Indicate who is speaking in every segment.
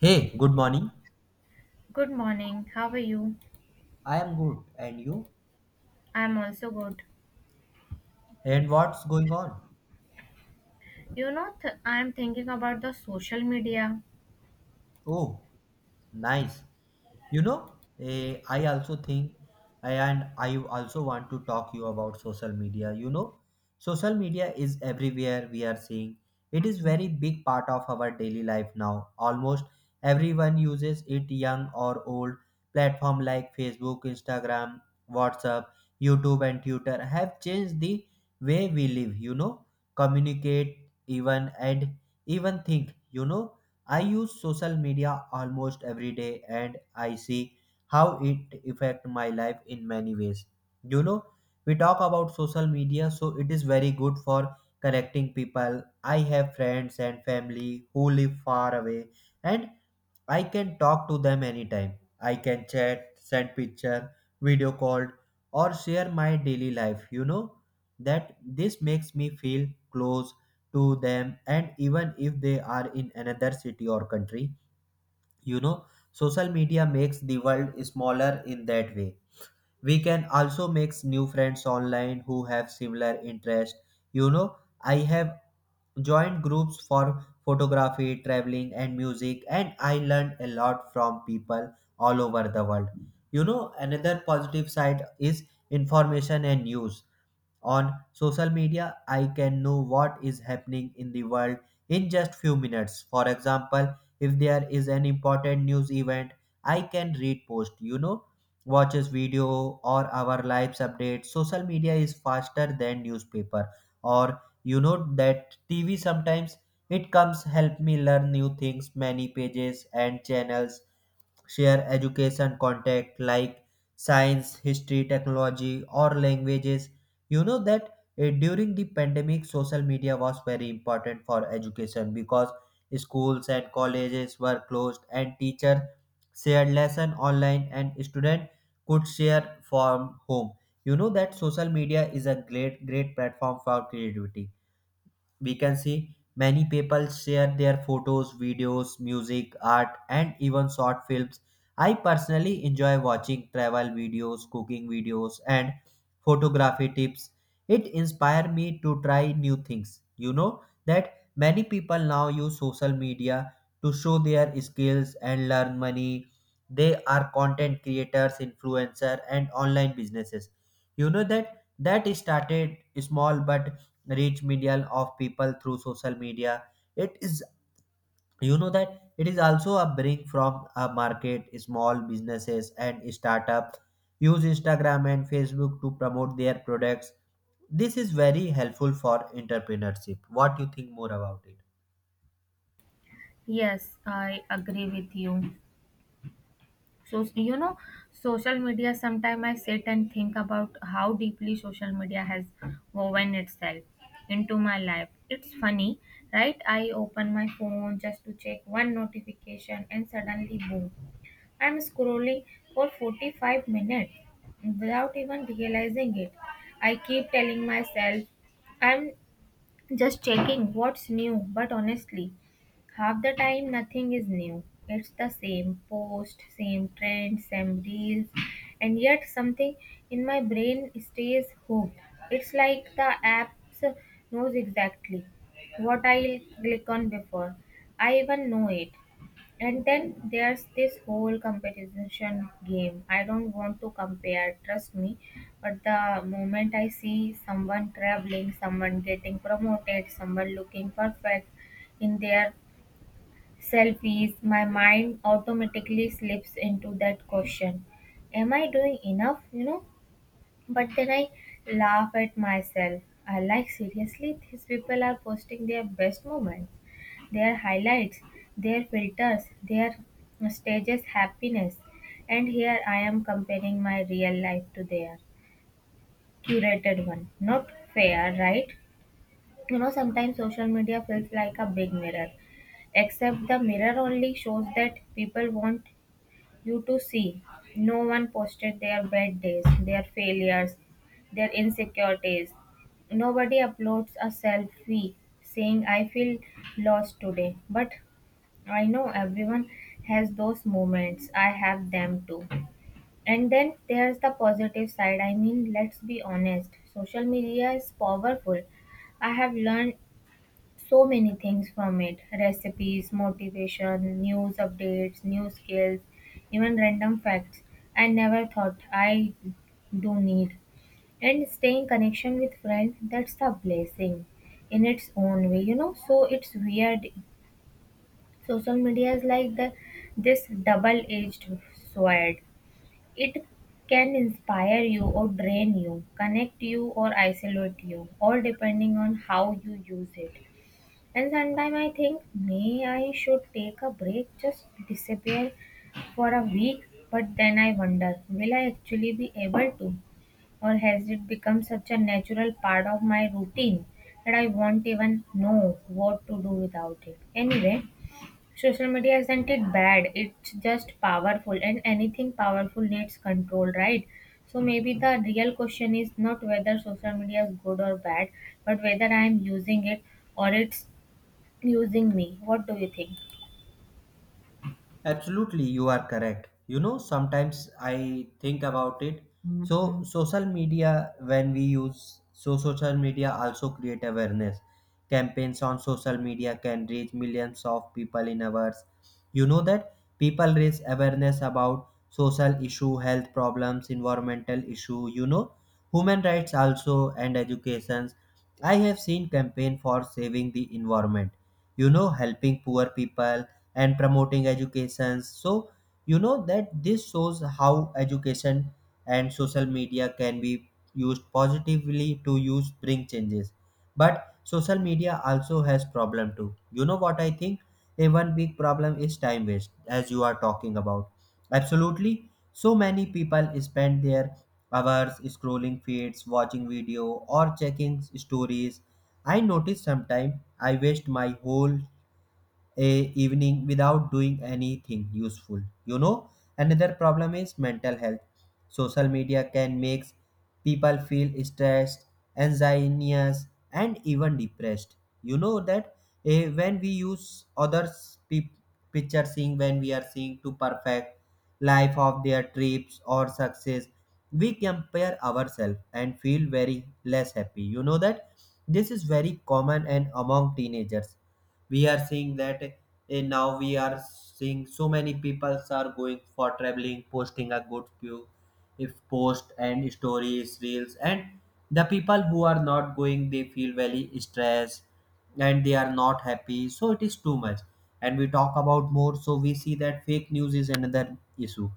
Speaker 1: Hey, good morning.
Speaker 2: Good morning. How are you?
Speaker 1: I am good, and you?
Speaker 2: I'm also good.
Speaker 1: And what's going on?
Speaker 2: You know, I'm thinking about the social media.
Speaker 1: Oh, nice. you know I also think. And I also want to talk you about social media. Social media is everywhere we are seeing. It is very big part of our daily life now. Almost everyone uses it, young or old. Platform like Facebook, Instagram, WhatsApp, YouTube and Twitter have changed the way we live, communicate even and even think. I use social media almost every day and I see how it affect my life in many ways. You know, we talk about social media, so it is very good for connecting people. I have friends and family who live far away and I can talk to them anytime. I can chat, send picture, video call, or share my daily life. You know that this makes me feel close to them, and even if they are in another city or country, you know, social media makes the world smaller in that way. We can also make new friends online who have similar interest. You know, I have joined groups for photography, traveling, and music, and I learned a lot from people all over the world. You know, another positive side is information and news on social media. I can know what is happening in the world in just few minutes. For example, if there is an important news event, I can read post, watches video or our lives updates. Social media is faster than newspaper or, you know, that TV sometimes. It comes help me learn new things. Many pages and channels share education content like science, history, technology, or languages. During the pandemic, social media was very important for education because schools and colleges were closed and teachers shared lesson online and student could share from home. You know that social media is a great platform for creativity. We can see many people share their photos, videos, music, art and even short films. I personally enjoy watching travel videos, cooking videos and photography tips it Inspires me to try new things. That many people now use social media to show their skills and learn money. They are content creators, influencer and online businesses. You know that that started small but reach million of people through social media. It is, you know, that it is also a bring from a market. Small businesses and startup use Instagram and Facebook to promote their products. This is very helpful for entrepreneurship. What do you think more about it?
Speaker 2: Yes, I agree with you. So, you know, social media, sometimes I sit and think about how deeply social media has woven itself into my life. It's funny, right? I open my phone just to check one notification and suddenly, boom, I'm scrolling for 45 minutes without even realizing it. I keep telling myself I'm just checking what's new, but honestly, half the time nothing is new. It's the same post, same trend, same reels, and yet something in my brain stays hooked. It's like the app knows exactly what I'll click on before I even know it. And then there's this whole competition game. I don't want to compare, trust me, but the moment I see someone traveling, someone getting promoted, someone looking perfect in their selfies, my mind automatically slips into that question: am I doing enough? You know, but then I laugh at myself. I like, seriously, these people are posting their best moment, their highlights, their filters, their stages happiness. And here I am comparing my real life to their curated one. Not fair, right? You know, sometimes social media feels like a big mirror, except the mirror only shows that people want you to see. No one posted their bad days, their failures, their insecurities. Nobody uploads a selfie saying, I feel lost today. But I know everyone has those moments. I have them too. And then there's the positive side. I mean, let's be honest, social media is powerful. I have learned so many things from it: recipes, motivation, news updates, new skills, even random facts I never thought I do need. And staying connection with friends, that's a blessing in its own way, you know. So it's weird. Social media is like the this double-edged sword. It can inspire you or drain you, connect you or isolate you, all depending on how you use it. And sometimes I think may I should take a break, just disappear for a week, but then I wonder, will I actually be able to? Or has it become such a natural part of my routine that I won't even know what to do without it? Anyway, social media isn't it bad, it's just powerful, and anything powerful needs control, right? So maybe the real question is not whether social media is good or bad, but whether I am using it or it's using me. What do you think?
Speaker 1: Absolutely, you are correct. You know, sometimes I think about it. So, social media, when we use social media, also create awareness. Campaigns on social media can reach millions of people in hours. You know that people raise awareness about social issue, health problems, environmental issue. You know, human rights also and educations. I have seen campaign for saving the environment. You know, helping poor people and promoting education. So you know that this shows how education and social media can be used positively to use bring changes. But social media also has problem too. You know what I think? A one big problem is time waste. As you are talking about, absolutely, so many people spend their hours scrolling feeds, watching video or checking stories. I notice sometimes I waste my whole a evening without doing anything useful. You know, another problem is mental health. Social media can make people feel stressed, anxious and even depressed. you know that when we use others picture, seeing, when we are seeing to perfect life of their trips or success, we compare ourselves and feel very less happy. You know that this is very common and among teenagers. We are seeing that, now we are seeing so many people are going for traveling, posting a good view, if post and stories, reels, and the people who are not going, they feel very stressed and they are not happy, so it is too much. And we talk about more, so we see that fake news is another issue.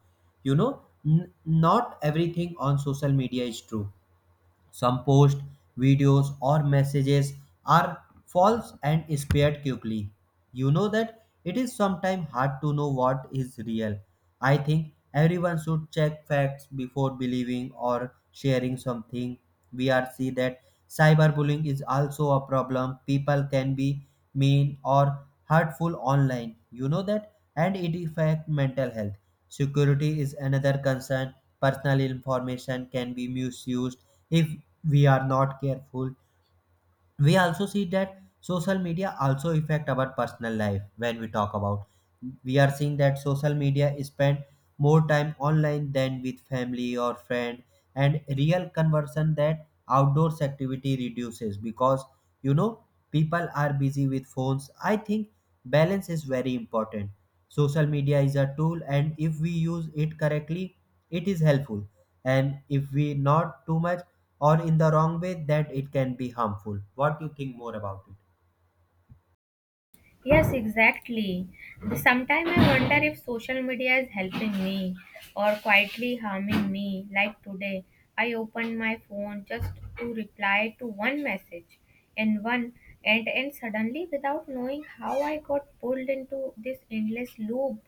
Speaker 1: You know, not everything on social media is true. Some posts, videos, or messages are false and spread quickly. You know that it is sometimes hard to know what is real. I think everyone should check facts before believing or sharing something. We are see that cyberbullying is also a problem. People can be mean or hurtful online. You know that and it affect mental health. Security is another concern. Personal information can be misused if we are not careful. We also see that social media also affect our personal life. When we talk about, we are seeing that social media spend more time online than with family or friend, and real conversion, that outdoors activity reduces because, you know, people are busy with phones. I think balance is very important. Social media is a tool, and if we use it correctly, it is helpful, and if we not too much or in the wrong way, that it can be harmful. What do you think more about it?
Speaker 2: Yes, exactly. Sometimes I wonder if social media is helping me or quietly harming me. Like today, I opened my phone just to reply to one message and one and suddenly without knowing how I got pulled into this endless loop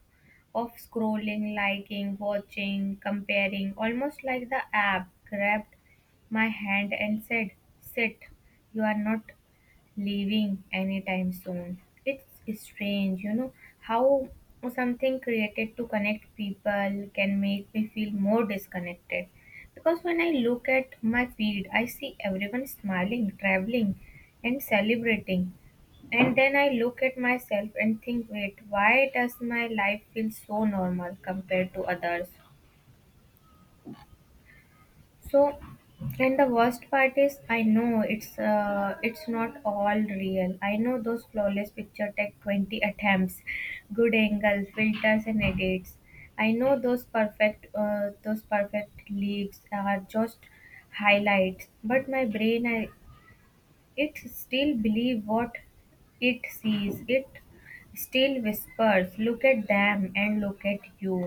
Speaker 2: of scrolling, liking, watching, comparing, almost like the app grabbed my hand and said, sit, you are not leaving anytime soon. It's strange, you know, how something created to connect people can make me feel more disconnected. Because when I look at my feed, I see everyone smiling, traveling, and celebrating. And then I look at myself and think, wait, why does my life feel so normal compared to others? So, and the worst part is, I know it's not all real. I know those flawless picture take 20 attempts, good angles, filters, and edits. I know those perfect leaves are just highlights. But my brain, I it still believe what it sees. It still whispers, "Look at them and look at you."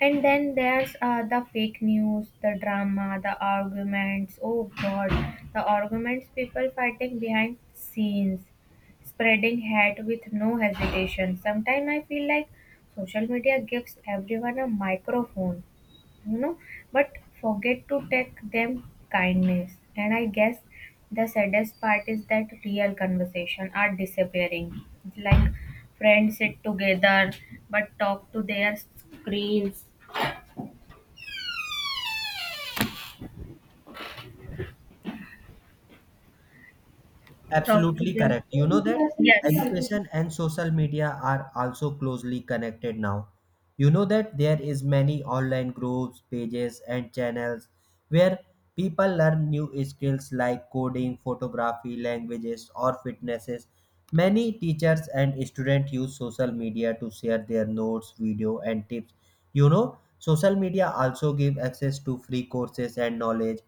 Speaker 2: And then there's the fake news, the drama, the arguments. Oh God, the arguments, people fighting behind scenes, spreading hate with no hesitation. Sometimes I feel like social media gives everyone a microphone, you know, but forget to take them kindness. And I guess the saddest part is that real conversation are disappearing. Like friends sit together but talk to their screens, talk to
Speaker 1: Absolutely
Speaker 2: their
Speaker 1: correct. You know that
Speaker 2: yes,
Speaker 1: education and social media are also closely connected now. You know that there is many online groups, pages and channels where people learn new skills like coding, photography, languages or fitnesses. Many teachers and students use social media to share their notes, video and tips. You know, social media also give access to free courses and knowledge.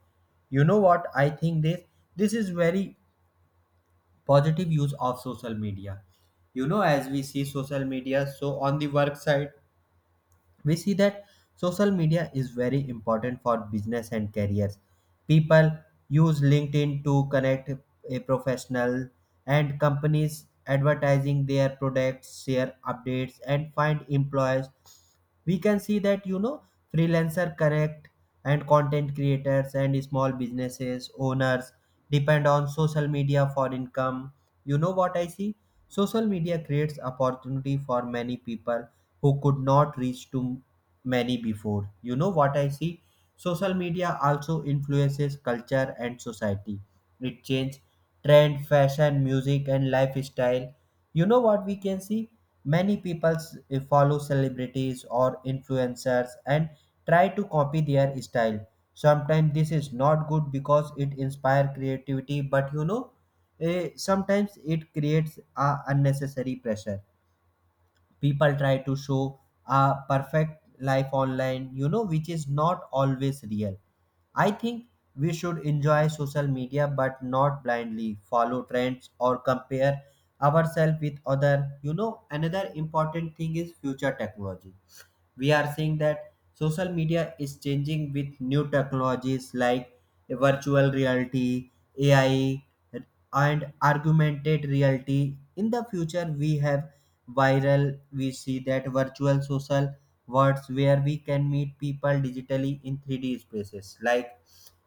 Speaker 1: You know what? I think this is very positive use of social media. You know, as we see social media, so on the work side, we see that social media is very important for business and careers. People use LinkedIn to connect a professional, and companies advertising their products, share updates and find employees. We can see that, you know, freelancer connect, and content creators and small businesses owners depend on social media for income. You know what I see? Social media creates opportunity for many people who could not reach to many before. You know what I see? Social media also influences culture and society. It changes trend, fashion, music, and lifestyle. You know what we can see? Many people follow celebrities or influencers and try to copy their style. Sometimes this is not good because it inspires creativity, but you know, sometimes it creates a unnecessary pressure. People try to show a perfect life online, you know, which is not always real. I think we should enjoy social media but not blindly follow trends or compare ourselves with other. You know, another important thing is future technology. We are seeing that social media is changing with new technologies like virtual reality, ai and augmented reality. In the future we have viral we see that virtual social worlds where we can meet people digitally in 3D spaces. Like,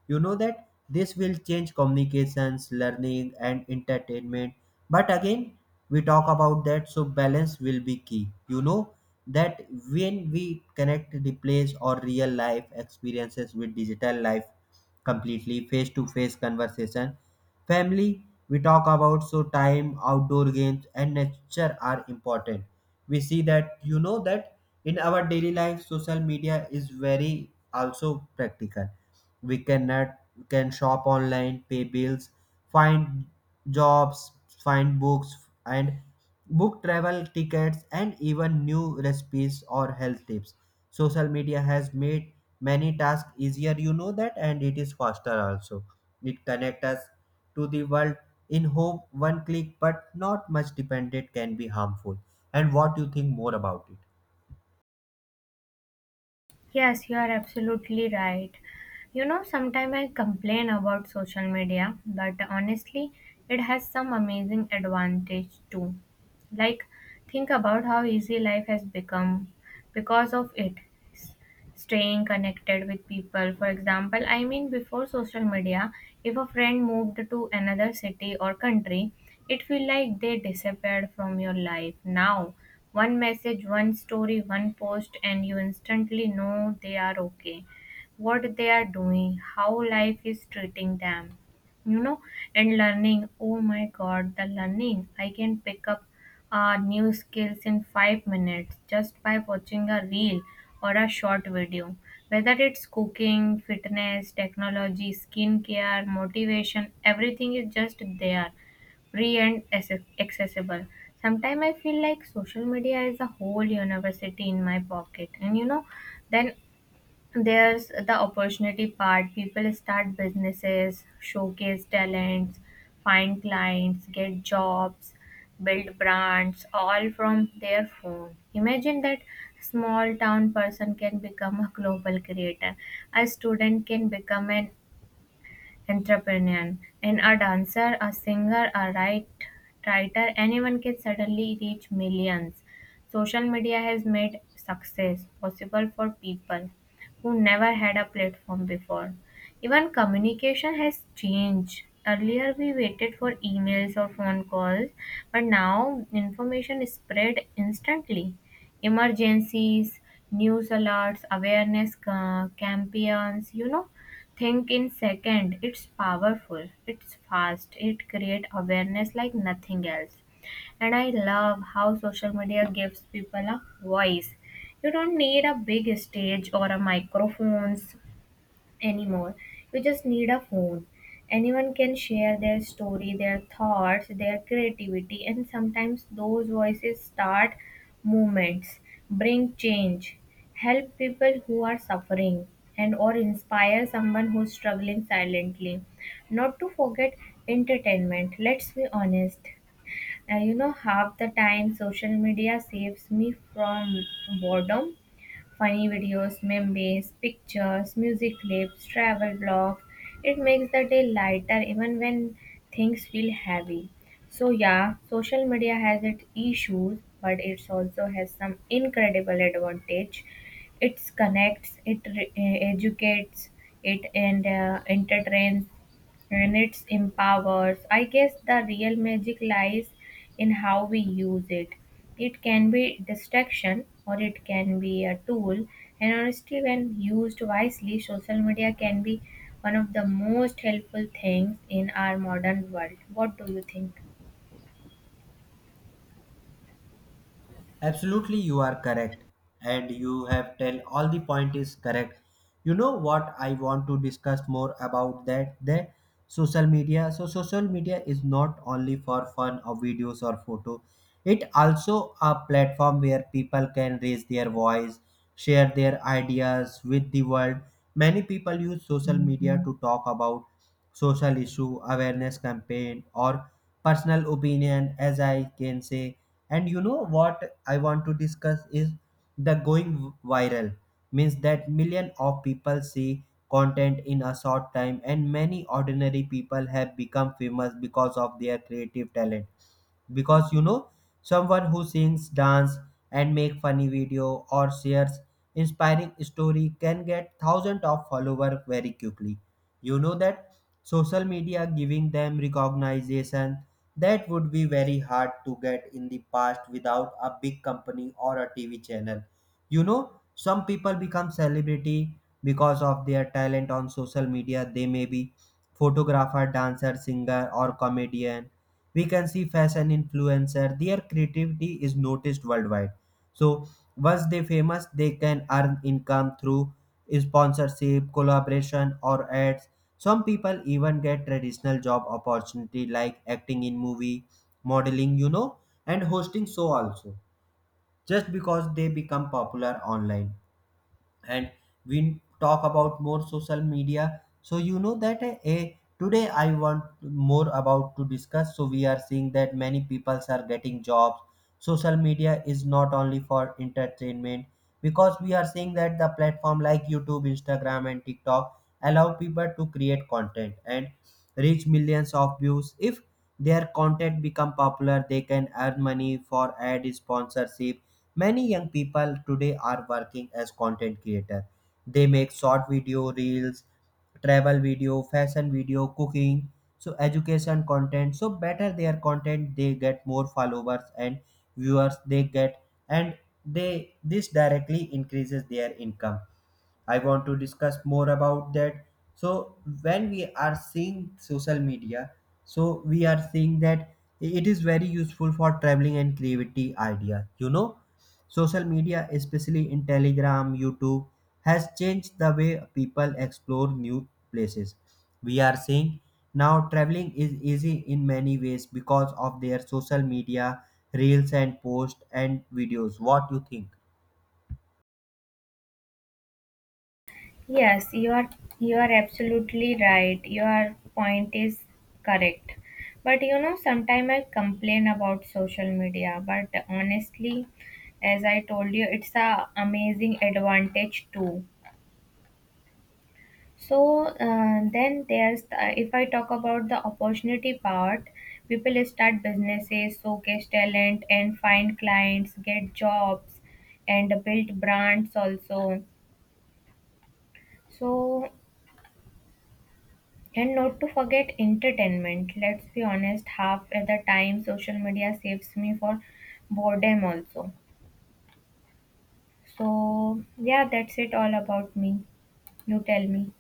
Speaker 1: you know that this will change communications, learning and entertainment. But again, we talk about that, so balance will be key. You know that when we connect replays or real life experiences with digital life, completely face to face conversation, family, we talk about, so time, outdoor games and nature are important. We see that, you know that in our daily life, social media is very also practical. We can can shop online, pay bills, find jobs, find books and book travel tickets and even new recipes or health tips. Social media has made many tasks easier, you know that, and it is faster also. It connects us to the world in hope one click, but not much dependent can be harmful. And what you think more about it?
Speaker 2: yes, you are absolutely right. You know, sometimes I complain about social media, but honestly, it has some amazing advantage too. Like, think about how easy life has become because of it. Staying connected with people. For example, I mean, before social media, if a friend moved to another city or country, it feel like they disappeared from your life. Now, one message, one story, one post, and you instantly know they are okay, what they are doing, how life is treating them, you know. And learning, oh my god, the learning I can pick up new skills in 5 minutes just by watching a reel or a short video. Whether it's cooking, fitness, technology, skincare, motivation, everything is just there, free and accessible. Sometimes I feel like social media is a whole university in my pocket, and you know, then there's the opportunity part: people start businesses, showcase talents, find clients, get jobs, build brands all from their phone. Imagine that: small town person can become a global creator, a student can become an entrepreneur, and a dancer, a singer, a writer, anyone can suddenly reach millions. Social media has made success possible for people who never had a platform before. Even communication has changed. Earlier, we waited for emails or phone calls, but now information is spread instantly. Emergencies, news alerts, awareness campaigns, you know, think in second. It's powerful. It's fast. It creates awareness like nothing else. And I love how social media gives people a voice. You don't need a big stage or a microphones anymore. You just need a phone. Anyone can share their story, their thoughts, their creativity, and sometimes those voices start movements, bring change, help people who are suffering, and or inspire someone who's struggling silently. Not to forget entertainment. Let's be honest. You know, half the time social media saves me from boredom. Funny videos, memes, pictures, music clips, travel vlogs. It makes the day lighter even when things feel heavy. So yeah, social media has its issues, but it also has some incredible advantage. It connects, it educates, it and entertains, and it empowers. I guess the real magic lies in how we use it. It can be distraction or it can be a tool, and honestly, when used wisely, social media can be one of the most helpful things in our modern world. What do you think?
Speaker 1: Absolutely, you are correct, and you have tell all the point is correct. You know what I want to discuss more about that the social media. So social media is not only for fun or videos or photo. It also a platform where people can raise their voice, share their ideas with the world. Many people use social media to talk about social issue, awareness campaign, or personal opinion, as I can say. And you know what I want to discuss is the going viral means that millions of people see content in a short time, and many ordinary people have become famous because of their creative talent. Because you know, someone who sings, dance and make funny video or shares inspiring story can get thousands of followers very quickly. You know that social media giving them recognition that would be very hard to get in the past without a big company or a TV channel. You know, some people become celebrity because of their talent on social media. They may be photographer, dancer, singer or comedian. We can see fashion influencer, their creativity is noticed worldwide. So once they famous, they can earn income through sponsorship, collaboration or ads. Some people even get traditional job opportunity like acting in movie, modeling, you know, and hosting show also, just because they become popular online. And we talk about more social media, so you know that a today I want more about to discuss. So we are seeing that many people are getting jobs. Social media is not only for entertainment, because we are seeing that the platform like YouTube, Instagram and TikTok allow people to create content and reach millions of views. If their content become popular, they can earn money for ad sponsorship. Many young people today are working as content creator. They make short video, reels, travel video, fashion video, cooking, so education content. So better their content, they get more followers and viewers they get. And they this directly increases their income. I want to discuss more about that. So when we are seeing social media, so we are seeing that it is very useful for traveling and creativity idea. You know, social media, especially in Telegram, YouTube, has changed the way people explore new places. We are seeing now traveling is easy in many ways because of their social media, reels and posts and videos. What you think?
Speaker 2: Yes, you are you are absolutely right. Your point is correct. But you know, sometimes I complain about social media, but honestly, as I told you, it's a amazing advantage too. So then there's the, if I talk about the opportunity part, people start businesses, showcase talent, and find clients, get jobs, and build brands also. So, and not to forget entertainment. Let's be honest, half at the time social media saves me for boredom also. So yeah, that's it all about me. You tell me.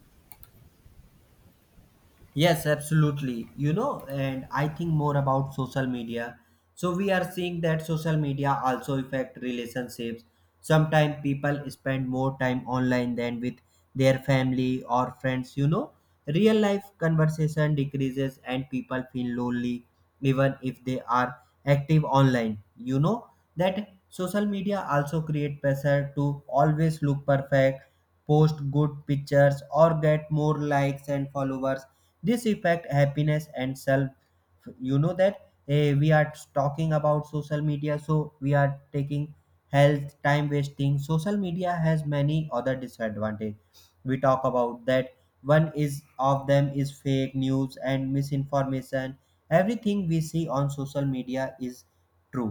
Speaker 1: Yes, absolutely. You know, and I think more about social media. So we are seeing that social media also affect relationships. Sometimes people spend more time online than with their family or friends, you know. Real life conversation decreases and people feel lonely even if they are active online. You know that social media also create pressure to always look perfect, post good pictures or get more likes and followers. This affect happiness and self. You know that we are talking about social media, so we are taking health, time wasting. Social media has many other disadvantage. We talk about that. One is of them is fake news and misinformation. Everything we see on social media is true,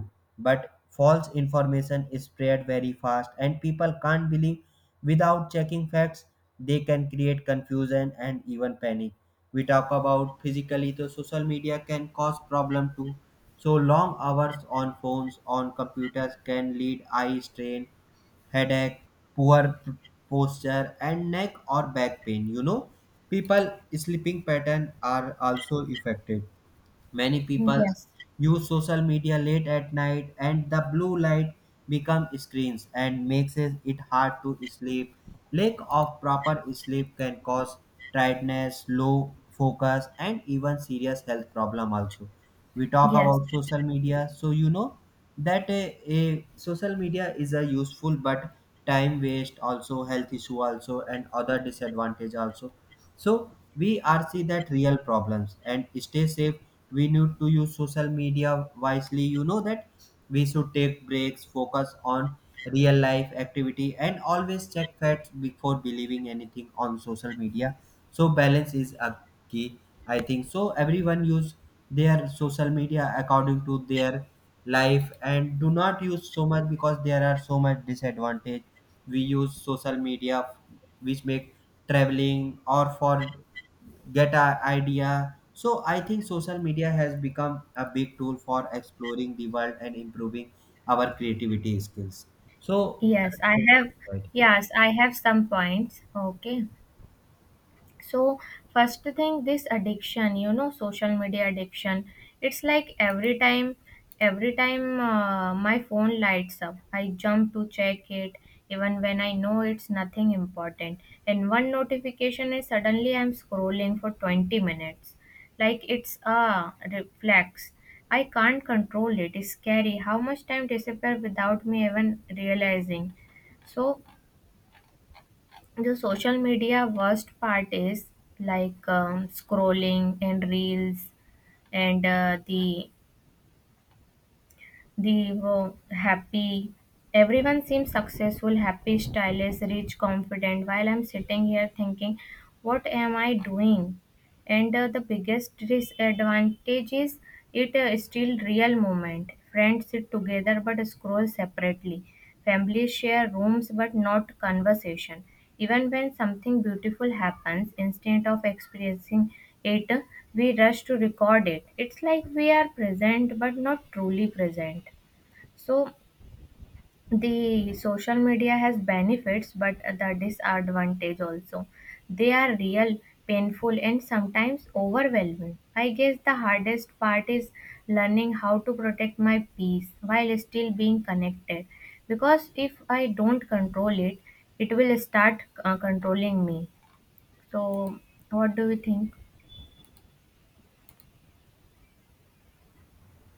Speaker 1: but false information is spread very fast and people can't believe without checking facts. They can create confusion and even panic. We talk about physically the social media can cause problem too. So long hours on phones on computers can lead eye strain, headache, poor p- posture and neck or back pain. You know, people sleeping pattern are also affected. Many people
Speaker 2: Yes.
Speaker 1: use social media late at night, and the blue light become screens and makes it hard to sleep. Lack of proper sleep can cause tiredness, low focus and even serious health problem also. We talk
Speaker 2: Yes.
Speaker 1: about social media, so you know that a social media is a useful, but time waste also, health issue also, and other disadvantage also. So we are see that real problems and stay safe, we need to use social media wisely. You know that we should take breaks, focus on real life activity and always check facts before believing anything on social media. So balance is a key. I think so everyone use their social media according to their life and do not use so much, because there are so much disadvantage. We use social media which make traveling or for get a idea. So I think social media has become a big tool for exploring the world and improving our creativity skills. So that's
Speaker 2: Yes. I
Speaker 1: what
Speaker 2: have
Speaker 1: I thought.
Speaker 2: yes, I have some points. Okay. So first thing, this addiction, you know, social media addiction, it's like every time my phone lights up, I jump to check it even when I know it's nothing important. And one notification is suddenly I'm scrolling for 20 minutes, like it's a reflex, I can't control it. It's scary how much time disappears without me even realizing. So the social media worst part is like scrolling and reels and happy. Everyone seems successful, happy, stylish, rich, confident. While I'm sitting here thinking, what am I doing? And the biggest disadvantage is it still real moment, friends sit together but scroll separately, families share rooms but not conversation. Even when something beautiful happens, instead of experiencing it, we rush to record it. It's like we are present but not truly present. So the social media has benefits but the disadvantage also, they are real, painful, and sometimes overwhelming. I guess the hardest part is learning how to protect my peace while still being connected, because if I don't control it, it will start controlling me. So what do you think?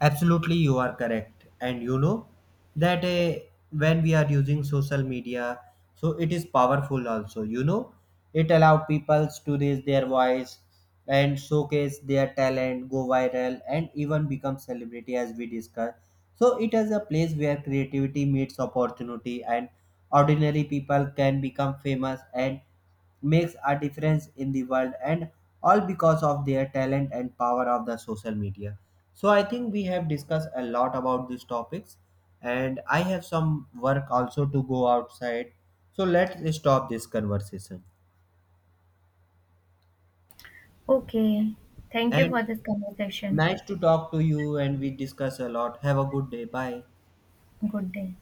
Speaker 1: Absolutely, you are correct. And you know that when we are using social media, so it is powerful also. You know, it allow people to raise their voice and showcase their talent, go viral, and even become celebrity as we discussed. So it is a place where creativity meets opportunity, and ordinary people can become famous and makes a difference in the world, and all because of their talent and power of the social media. So I think we have discussed a lot about these topics and I have some work also to go outside, so let's stop this conversation.
Speaker 2: Okay, thank you
Speaker 1: And
Speaker 2: for this conversation.
Speaker 1: nice to talk to you, and we discuss a lot. Have a good day, bye.
Speaker 2: Good day.